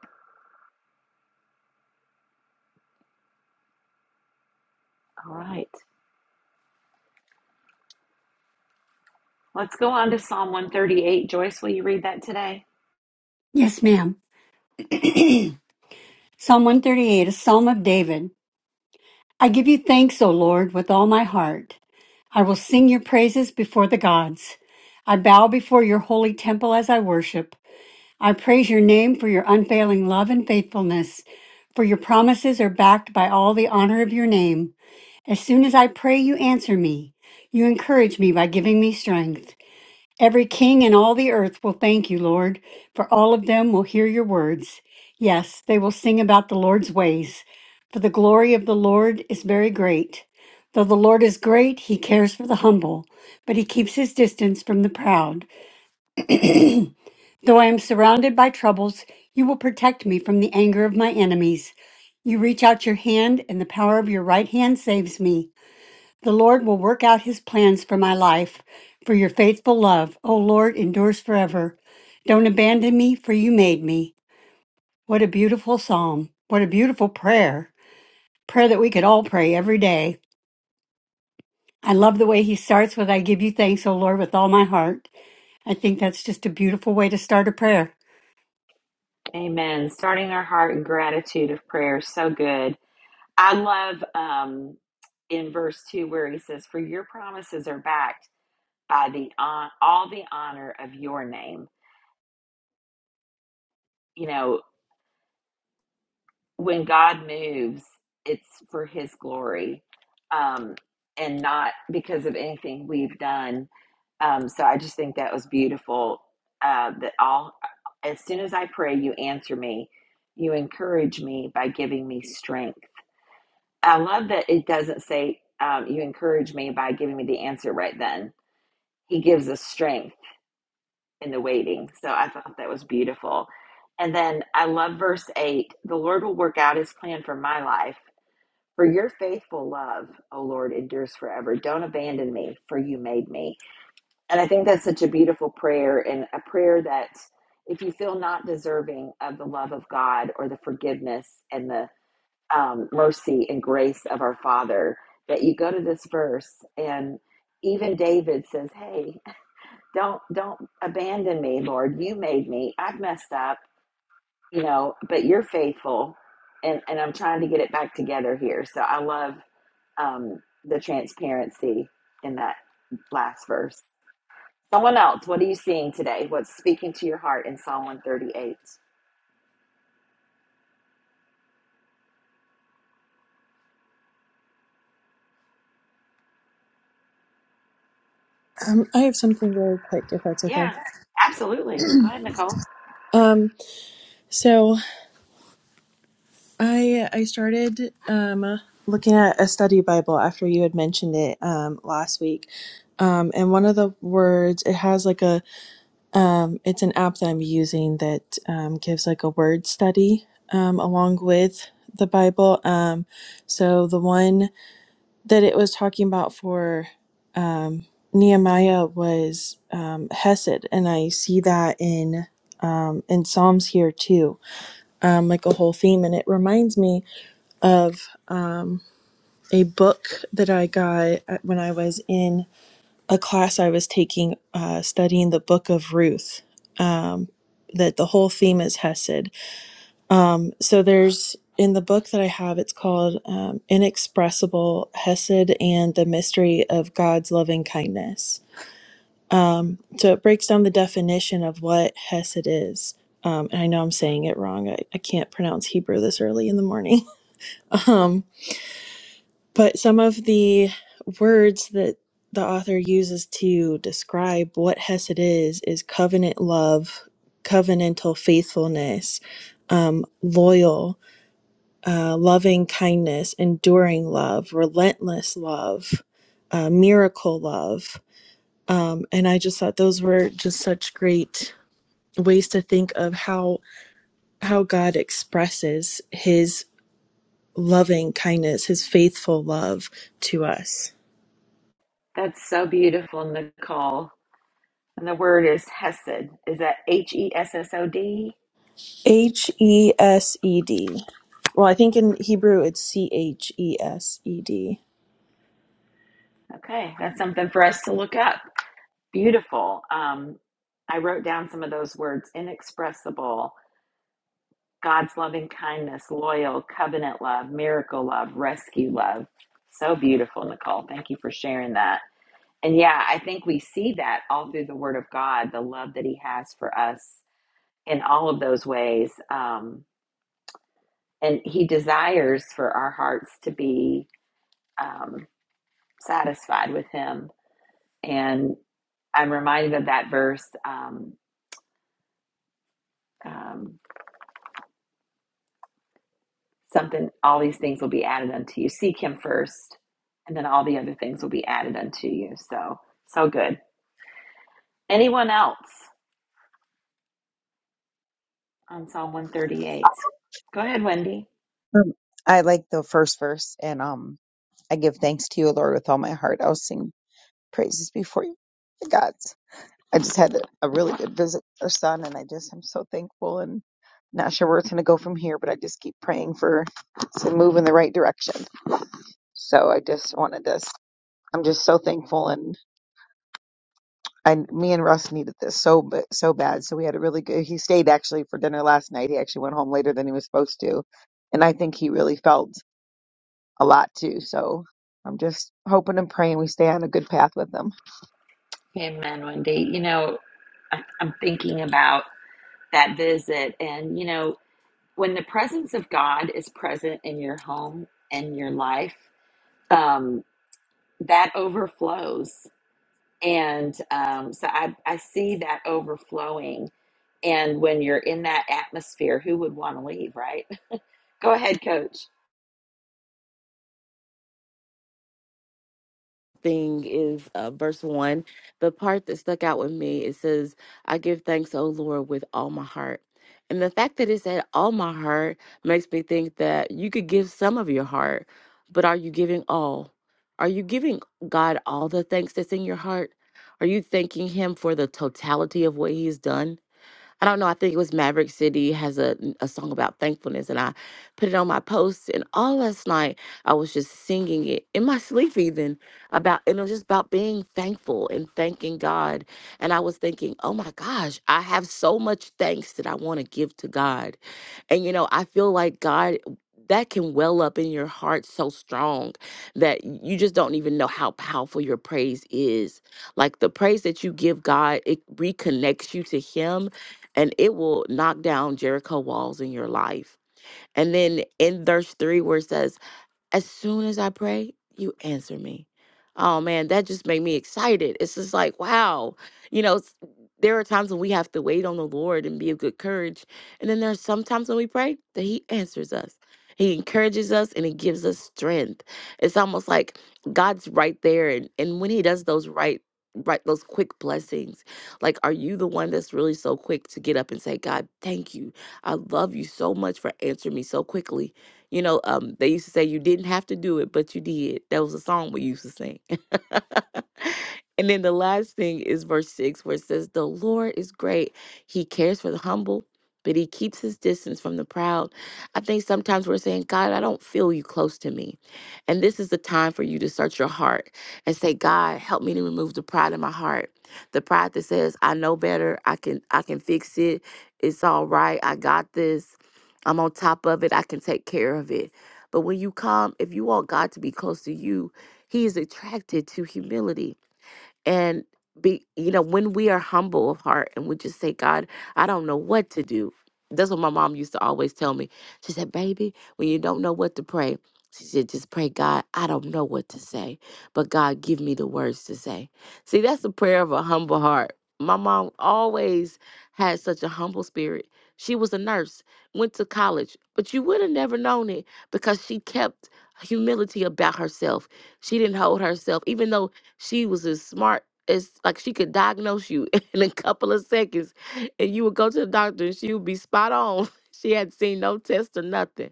All right. Let's go on to Psalm 138. Joyce, will you read that today?
Yes, ma'am. Psalm 138, a psalm of David. I give you thanks, O Lord, with all my heart. I will sing your praises before the gods. I bow before your holy temple as I worship. I praise your name for your unfailing love and faithfulness, for your promises are backed by all the honor of your name. As soon as I pray, you answer me. You encourage me by giving me strength. Every king in all the earth will thank you, Lord, for all of them will hear your words. Yes, they will sing about the Lord's ways, for the glory of the Lord is very great. Though the Lord is great, he cares for the humble, but he keeps his distance from the proud. Though I am surrounded by troubles, you will protect me from the anger of my enemies. You reach out your hand, and the power of your right hand saves me. The Lord will work out his plans for my life, for your faithful love, O Lord, endures forever. Don't abandon me, for you made me. What a beautiful psalm. What a beautiful prayer. Prayer that we could all pray every day. I love the way he starts with, I give you thanks, O Lord, with all my heart. I think that's just a beautiful way to start a prayer.
Amen. Starting our heart in gratitude of prayer. So good. I love um, in verse 2 where he says, For your promises are backed by the on- all the honor of your name. You know, when God moves, it's for his glory um, and not because of anything we've done. Um, so I just think that was beautiful uh, that all, as soon as I pray, you answer me. You encourage me by giving me strength. I love that it doesn't say, um, you encourage me by giving me the answer right then. He gives us strength in the waiting. So I thought that was beautiful. And then I love verse 8 the Lord will work out his plan for my life. For your faithful love, O Lord, endures forever. Don't abandon me, for you made me. And I think that's such a beautiful prayer and a prayer that if you feel not deserving of the love of God or the forgiveness and the um, mercy and grace of our Father that you go to this verse and even David says, "Hey, don't don't abandon me, Lord. You made me. I've messed up, you know, but you're faithful, and and I'm trying to get it back together here." So I love um, the transparency in that last verse. Someone else, what are you seeing today? What's speaking to your heart in Psalm 138?
Um, I have something really quick, if that's okay.
Yeah, absolutely. Go ahead, Nicole.
Um, so I I started um, looking at a study Bible after you had mentioned it um, last week, um, and one of the words it has like a um, it's an app that I'm using that um, gives like a word study um, along with the Bible. Um, so the one. that it was talking about for um, Nehemiah was um, Hesed, and I see that in um, in Psalms here too, um, like a whole theme, and it reminds me of um, a book that I got at- when I was in a class I was taking uh, studying the Book of Ruth. Um, that the whole theme is Hesed, um, so there's in the book that I have, it's called um, Inexpressible Hesed and the Mystery of God's Loving Kindness. Um, so it breaks down the definition of what Hesed is. Um, and I know I'm saying it wrong. I, I can't pronounce Hebrew this early in the morning. um, but some of the words that the author uses to describe what Hesed is is covenant love, covenantal faithfulness, um, loyal, uh, loving kindness, enduring love, relentless love, uh, miracle love. Um, and I just thought those were just such great ways to think of how how God expresses His loving kindness, His faithful love to us.
That's so beautiful, Nicole. And the word is Hesed. Is that H E S S O D?
H E S E D. Well, I think in Hebrew it's C H E S E D.
Okay, that's something for us to look up. Beautiful. Um, I wrote down some of those words inexpressible, God's loving kindness, loyal, covenant love, miracle love, rescue love. So beautiful, Nicole. Thank you for sharing that. And yeah, I think we see that all through the Word of God, the love that He has for us in all of those ways. Um, and He desires for our hearts to be. Um, satisfied with him. And I'm reminded of that verse um, um, something, all these things will be added unto you. Seek him first, and then all the other things will be added unto you. So, so good. Anyone else on Psalm 138? Go ahead, Wendy.
Um, I like the first verse, and um, I give thanks to you, Lord, with all my heart. I will sing praises before you, my gods. I just had a really good visit with our son, and I just am so thankful and not sure where it's going to go from here, but I just keep praying for to move in the right direction. So I just wanted to. s- I'm just so thankful, and I, me and Russ needed this so ba- so bad. So we had a really good. He stayed actually for dinner last night. He actually went home later than he was supposed to, and I think he really felt. a lot too. So I'm just hoping and praying we stay on a good path with them.
Amen, Wendy. You know, I- I'm thinking about that visit, and you know, when the presence of God is present in your home and your life, um, that overflows And um, so I, I see that overflowing. And when you're in that atmosphere, who would want to leave, right? Go ahead, coach.
thing is uh, verse one. The part that stuck out with me it says, "I give thanks, O Lord, with all my heart." And the fact that it said all my heart makes me think that you could give some of your heart, but are you giving all? Are you giving God all the thanks that's in your heart? Are you thanking Him for the totality of what He's done? I don't know. I think it was Maverick City has a, a song about thankfulness, and I put it on my post. And all last night, I was just singing it in my sleep, even about and it was just about being thankful and thanking God. And I was thinking, oh my gosh, I have so much thanks that I want to give to God. And you know, I feel like God that can well up in your heart so strong that you just don't even know how powerful your praise is. Like the praise that you give God, it reconnects you to Him and it will knock down Jericho walls in your life. And then in verse 3, where it says, as soon as I pray, you answer me. Oh man, that just made me excited. It's just like, wow. You know, s- there are times when we have to wait on the Lord and be of good courage. And then there's sometimes when we pray that He answers us. He encourages us and He gives us strength. It's almost like God's right there. And, and when He does those right, right, those quick blessings, like, are you the one that's really so quick to get up and say, God, thank you. I love you so much for answering me so quickly you know, um, they used to say you didn't have to do it, but you did. That was a song we used to sing. And then the last thing is verse 6, where it says, The Lord is great. He cares for the humble, but he keeps his distance from the proud. I think sometimes we're saying, God, I don't feel you close to me. And this is the time for you to search your heart and say, God, help me to remove the pride in my heart. The pride that says, I know better, I can I can fix it, it's all right, I got this, I'm on top of it, I can take care of it. But when you come, if you want God to be close to you, he is attracted to humility and be you know when we are humble of heart and we just say god i don't know what to do that's what my mom used to always tell me she said baby when you don't know what to pray she said just pray god i don't know what to say but god give me the words to say see that's the prayer of a humble heart my mom always had such a humble spirit she was a nurse went to college but you would have never known it because she kept humility about herself she didn't hold herself even though she was as smart as like she could diagnose you in a couple of seconds, and you would go to the doctor and she would be spot on. She had seen no test or nothing.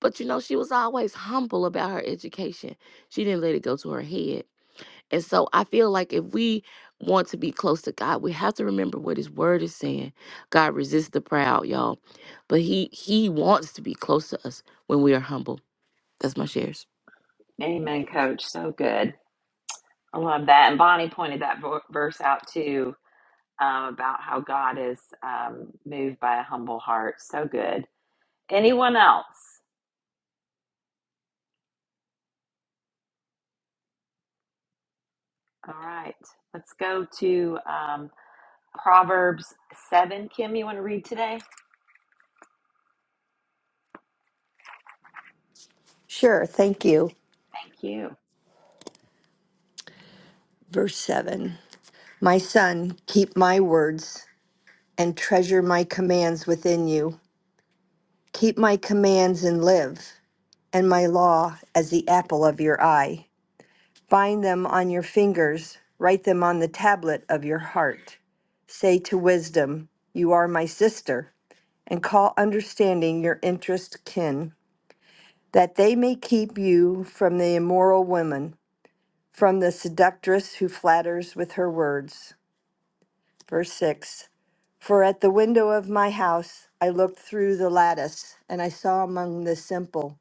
But you know, she was always humble about her education. She didn't let it go to her head. And so I feel like if we want to be close to God, we have to remember what his word is saying. God resists the proud, y'all. But he he wants to be close to us when we are humble. That's my shares.
Amen, coach. So good. I love that. And Bonnie pointed that vo- verse out too um, about how God is um, moved by a humble heart. So good. Anyone else? All right. Let's go to um, Proverbs 7. Kim, you want to read today?
Sure, thank you.
Thank you.
Verse 7 My son, keep my words and treasure my commands within you. Keep my commands and live, and my law as the apple of your eye. Bind them on your fingers, write them on the tablet of your heart. Say to wisdom, You are my sister, and call understanding your interest kin, that they may keep you from the immoral woman, from the seductress who flatters with her words. Verse 6 For at the window of my house I looked through the lattice, and I saw among the simple,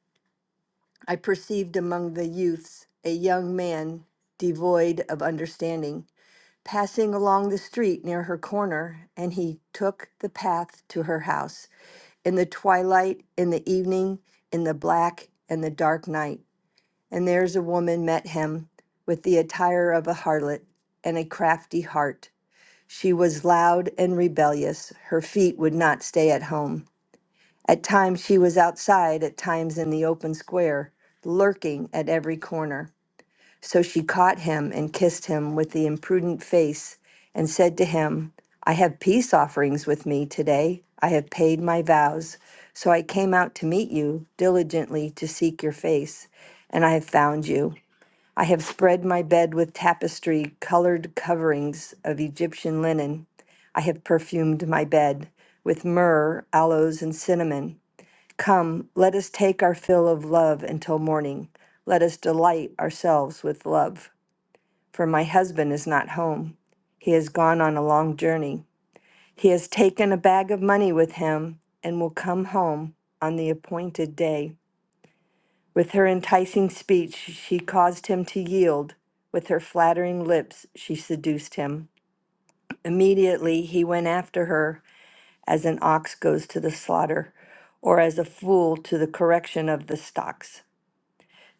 I perceived among the youths a young man devoid of understanding, passing along the street near her corner, and he took the path to her house in the twilight, in the evening, in the black and the dark night. And there's a woman met him with the attire of a harlot and a crafty heart. She was loud and rebellious. Her feet would not stay at home. At times she was outside, at times in the open square, lurking at every corner. So she caught him and kissed him with the imprudent face and said to him, I have peace offerings with me today. I have paid my vows. So I came out to meet you diligently to seek your face, and I have found you. I have spread my bed with tapestry colored coverings of Egyptian linen. I have perfumed my bed with myrrh, aloes, and cinnamon. Come, let us take our fill of love until morning. Let us delight ourselves with love. For my husband is not home. He has gone on a long journey. He has taken a bag of money with him and will come home on the appointed day. With her enticing speech, she caused him to yield. With her flattering lips, she seduced him. Immediately he went after her as an ox goes to the slaughter, or as a fool to the correction of the stocks,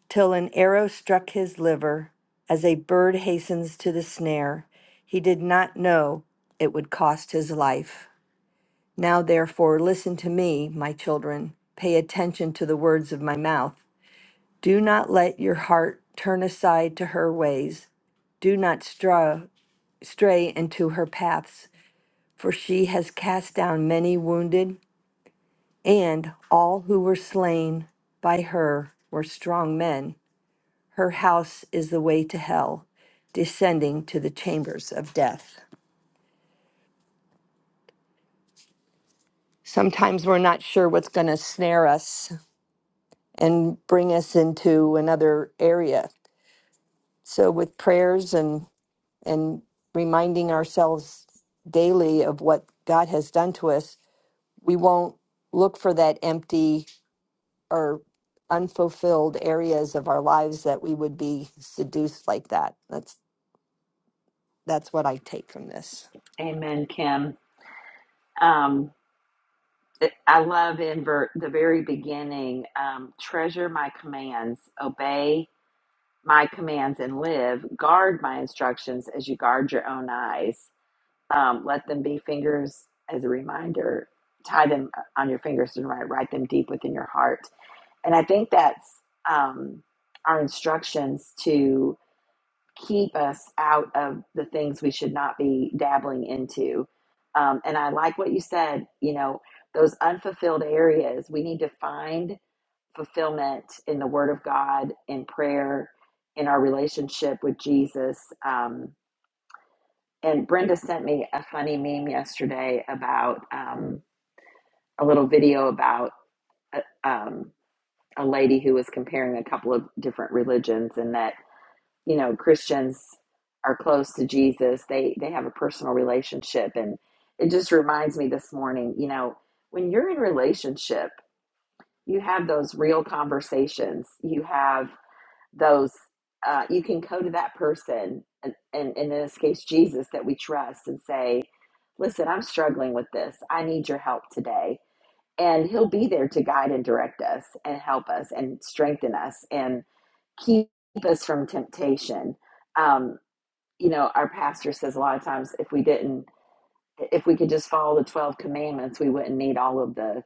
till an arrow struck his liver, as a bird hastens to the snare. He did not know it would cost his life. Now, therefore, listen to me, my children. Pay attention to the words of my mouth. Do not let your heart turn aside to her ways. Do not stra- stray into her paths, for she has cast down many wounded, and all who were slain by her were strong men. Her house is the way to hell, descending to the chambers of death. Sometimes we're not sure what's going to snare us and bring us into another area. So, with prayers and and reminding ourselves daily of what God has done to us, we won't look for that empty or unfulfilled areas of our lives that we would be seduced like that. That's that's what I take from this.
Amen, Kim. Um, I love in ver- the very beginning um, treasure my commands, obey my commands, and live. Guard my instructions as you guard your own eyes. Um, let them be fingers as a reminder. Tie them uh, on your fingers and write, write them deep within your heart. And I think that's um, our instructions to keep us out of the things we should not be dabbling into. Um, and I like what you said, you know, those unfulfilled areas, we need to find fulfillment in the Word of God, in prayer, in our relationship with Jesus. Um, and Brenda sent me a funny meme yesterday about um, a little video about a, um, a lady who was comparing a couple of different religions and that you know christians are close to jesus they they have a personal relationship and it just reminds me this morning you know when you're in relationship you have those real conversations you have those uh, you can go to that person and, and, and in this case jesus that we trust and say listen i'm struggling with this i need your help today and he'll be there to guide and direct us and help us and strengthen us and keep us from temptation Um, you know, our pastor says a lot of times if we didn't, if we could just follow the 12 commandments, we wouldn't need all of the,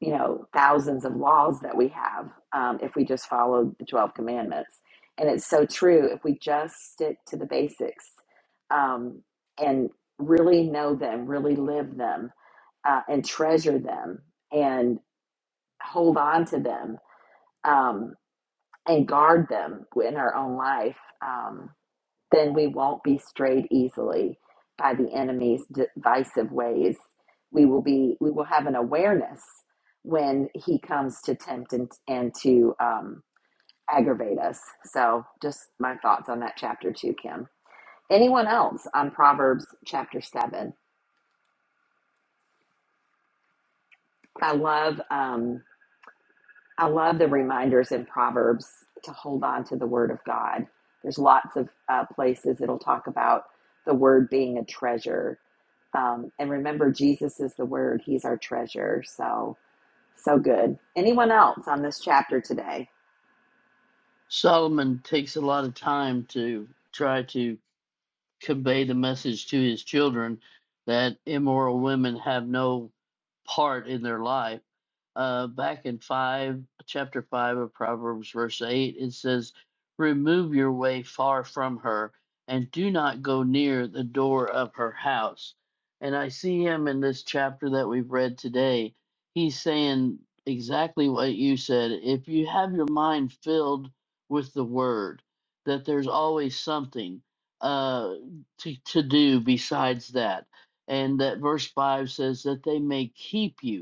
you know, thousands of laws that we have um, if we just followed the 12 commandments. And it's so true. If we just stick to the basics um, and really know them, really live them, uh, and treasure them and hold on to them um, and guard them in our own life. Um, then we won't be strayed easily by the enemy's divisive ways. We will be we will have an awareness when he comes to tempt and, and to um, aggravate us. So just my thoughts on that chapter too, Kim. Anyone else on Proverbs chapter seven? I love um, I love the reminders in Proverbs to hold on to the Word of God. There's lots of uh, places it'll talk about the Word being a treasure Um, and remember, Jesus is the Word, He's our treasure. So, so good. Anyone else on this chapter today?
Solomon takes a lot of time to try to convey the message to his children that immoral women have no part in their life uh, back in five, chapter five of Proverbs, verse eight, it says, "Remove your way far from her, and do not go near the door of her house." And I see him in this chapter that we've read today. He's saying exactly what you said. If you have your mind filled with the word, that there's always something uh, to to do besides that. And that verse five says that they may keep you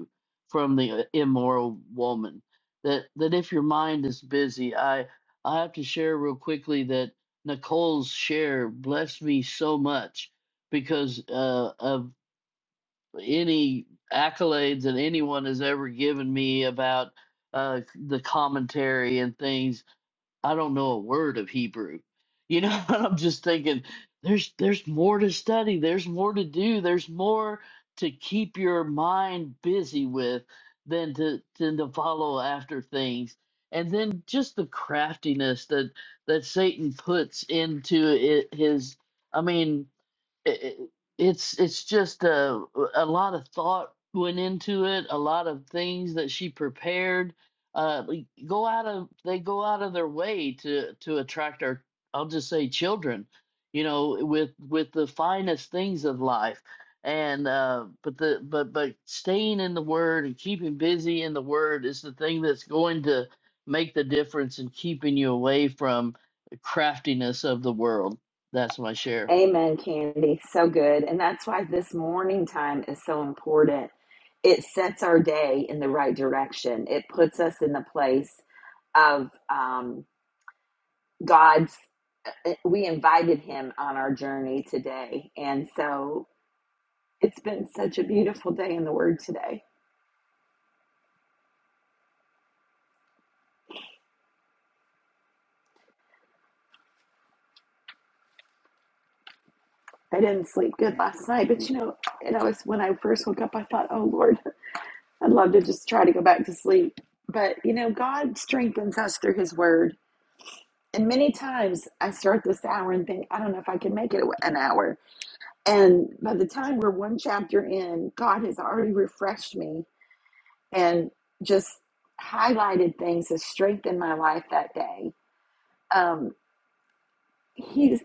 from the uh, immoral woman. That that if your mind is busy, I I have to share real quickly that Nicole's share blessed me so much because uh, of any accolades that anyone has ever given me about uh, the commentary and things. I don't know a word of Hebrew. You know, and I'm just thinking there's there's more to study, there's more to do, there's more to keep your mind busy with than to than to follow after things. And then just the craftiness that that Satan puts into it his I mean it, it- it's it's just a a lot of thought went into it, a lot of things that she prepared. Uh, like, go out of they go out of their way to to attract our I'll just say children, you know, with with the finest things of life. And uh, but the but but staying in the word and keeping busy in the word is the thing that's going to make the difference in keeping you away from craftiness of the world. That's my share.
Amen, Candy. So good. And that's why this morning time is so important. It sets our day in the right direction, it puts us in the place of um, God's. uh, uh, We invited Him on our journey today. And so, it's been such a beautiful day in the Word today. I didn't sleep good last night, but you know, and I was when I first woke up, I thought, oh Lord, I'd love to just try to go back to sleep. But you know, God strengthens us through His Word. And many times I start this hour and think, I don't know if I can make it an hour. And by the time we're one chapter in, God has already refreshed me and just highlighted things that strengthened my life that day. Um, he's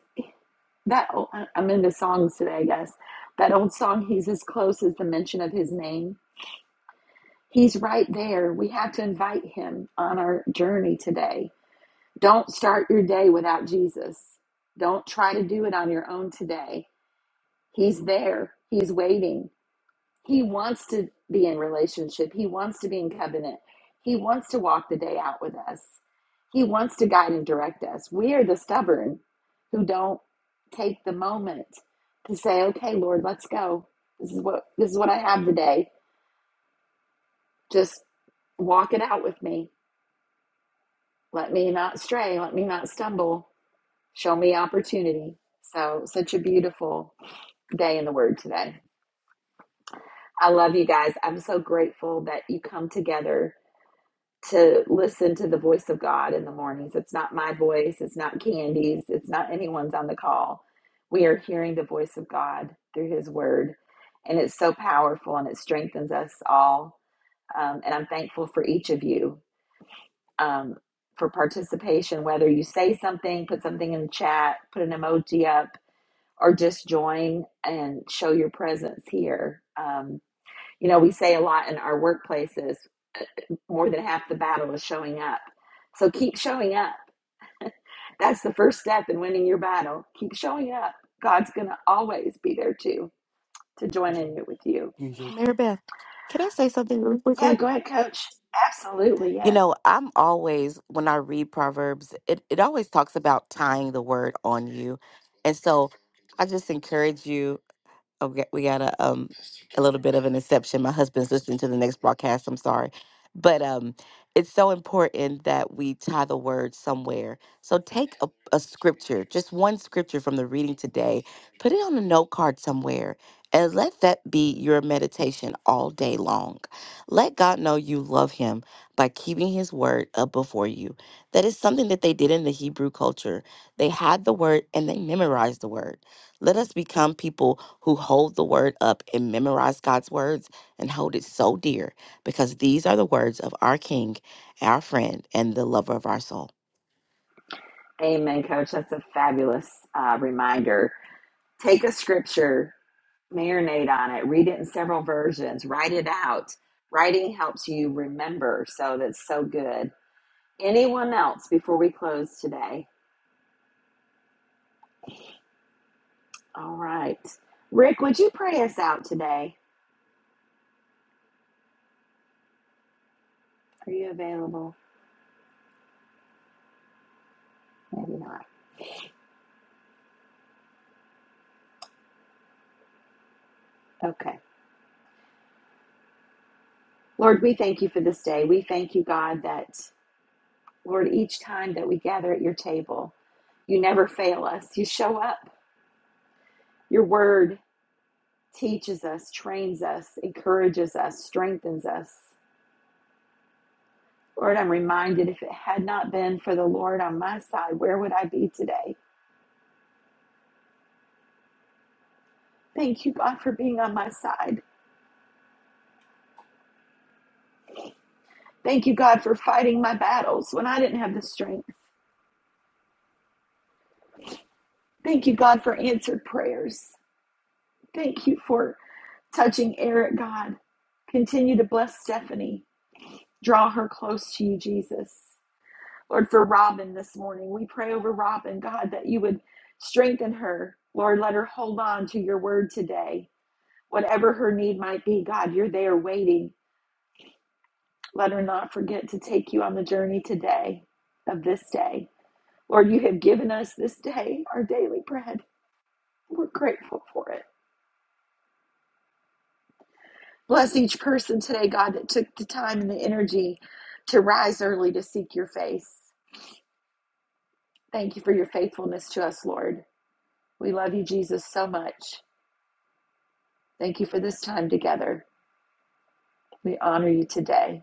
that. Oh, I- I'm into songs today, I guess. That old song, "He's as close as the mention of His name." He's right there. We have to invite him on our journey today. Don't start your day without Jesus. Don't try to do it on your own today. He's there. He's waiting. He wants to be in relationship. He wants to be in covenant. He wants to walk the day out with us. He wants to guide and direct us. We are the stubborn who don't take the moment to say, "Okay, Lord, let's go. This is what this is what I have today. Just walk it out with me." Let me not stray. Let me not stumble. Show me opportunity. So, such a beautiful day in the Word today. I love you guys. I'm so grateful that you come together to listen to the voice of God in the mornings. It's not my voice, it's not Candy's, it's not anyone's on the call. We are hearing the voice of God through His Word, and it's so powerful and it strengthens us all. Um, and I'm thankful for each of you um, for participation, whether you say something, put something in the chat, put an emoji up, or just join and show your presence here. Um, you know, we say a lot in our workplaces, uh, more than half the battle is showing up. So keep showing up. That's the first step in winning your battle. Keep showing up. God's going to always be there too to join in with you.
Usual. Mary Beth, can I say something really
Yeah,
quickly?
go ahead, coach. Absolutely.
You
Yeah.
know, I'm always, when I read Proverbs, it, it always talks about tying the word on you. And so I just encourage you Okay, we got a um a little bit of an inception. My husband's listening to the next broadcast. I'm sorry, but um, it's so important that we tie the word somewhere. So take a, a scripture, just one scripture from the reading today, put it on a note card somewhere, and let that be your meditation all day long. Let God know you love Him by keeping His word up before you. That is something that they did in the Hebrew culture. They had the word and they memorized the word. Let us become people who hold the word up and memorize God's words and hold it so dear because these are the words of our King, our friend, and the lover of our soul.
Amen, coach. That's a fabulous uh, reminder. Take a scripture. marinate on it, read it in several versions, write it out. Writing helps you remember, so that's so good. Anyone else before we close today? All right. Rick, would you pray us out today? Are you available? Maybe not. Okay. Lord, we thank you for this day. We thank you, God, that, Lord, each time that we gather at your table, you never fail us. You show up. Your word teaches us, trains us, encourages us, strengthens us. Lord, I'm reminded if it had not been for the Lord on my side, where would I be today? Thank you, God, for being on my side. Thank you, God, for fighting my battles when I didn't have the strength. Thank you, God, for answered prayers. Thank you for touching Eric, God. Continue to bless Stephanie. Draw her close to you, Jesus. Lord, for Robin this morning, we pray over Robin, God, that you would strengthen her. Lord, let her hold on to your word today. Whatever her need might be, God, you're there waiting Let her not forget to take you on the journey today of this day. Lord, you have given us this day our daily bread. We're grateful for it. Bless each person today, God, that took the time and the energy to rise early to seek your face. Thank you for your faithfulness to us, Lord. We love you, Jesus, so much. Thank you for this time together. We honor you today.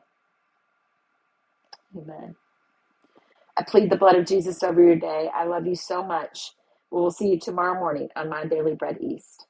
Amen. I plead the blood of Jesus over your day. I love you so much. We will see you tomorrow morning on My Daily Bread East.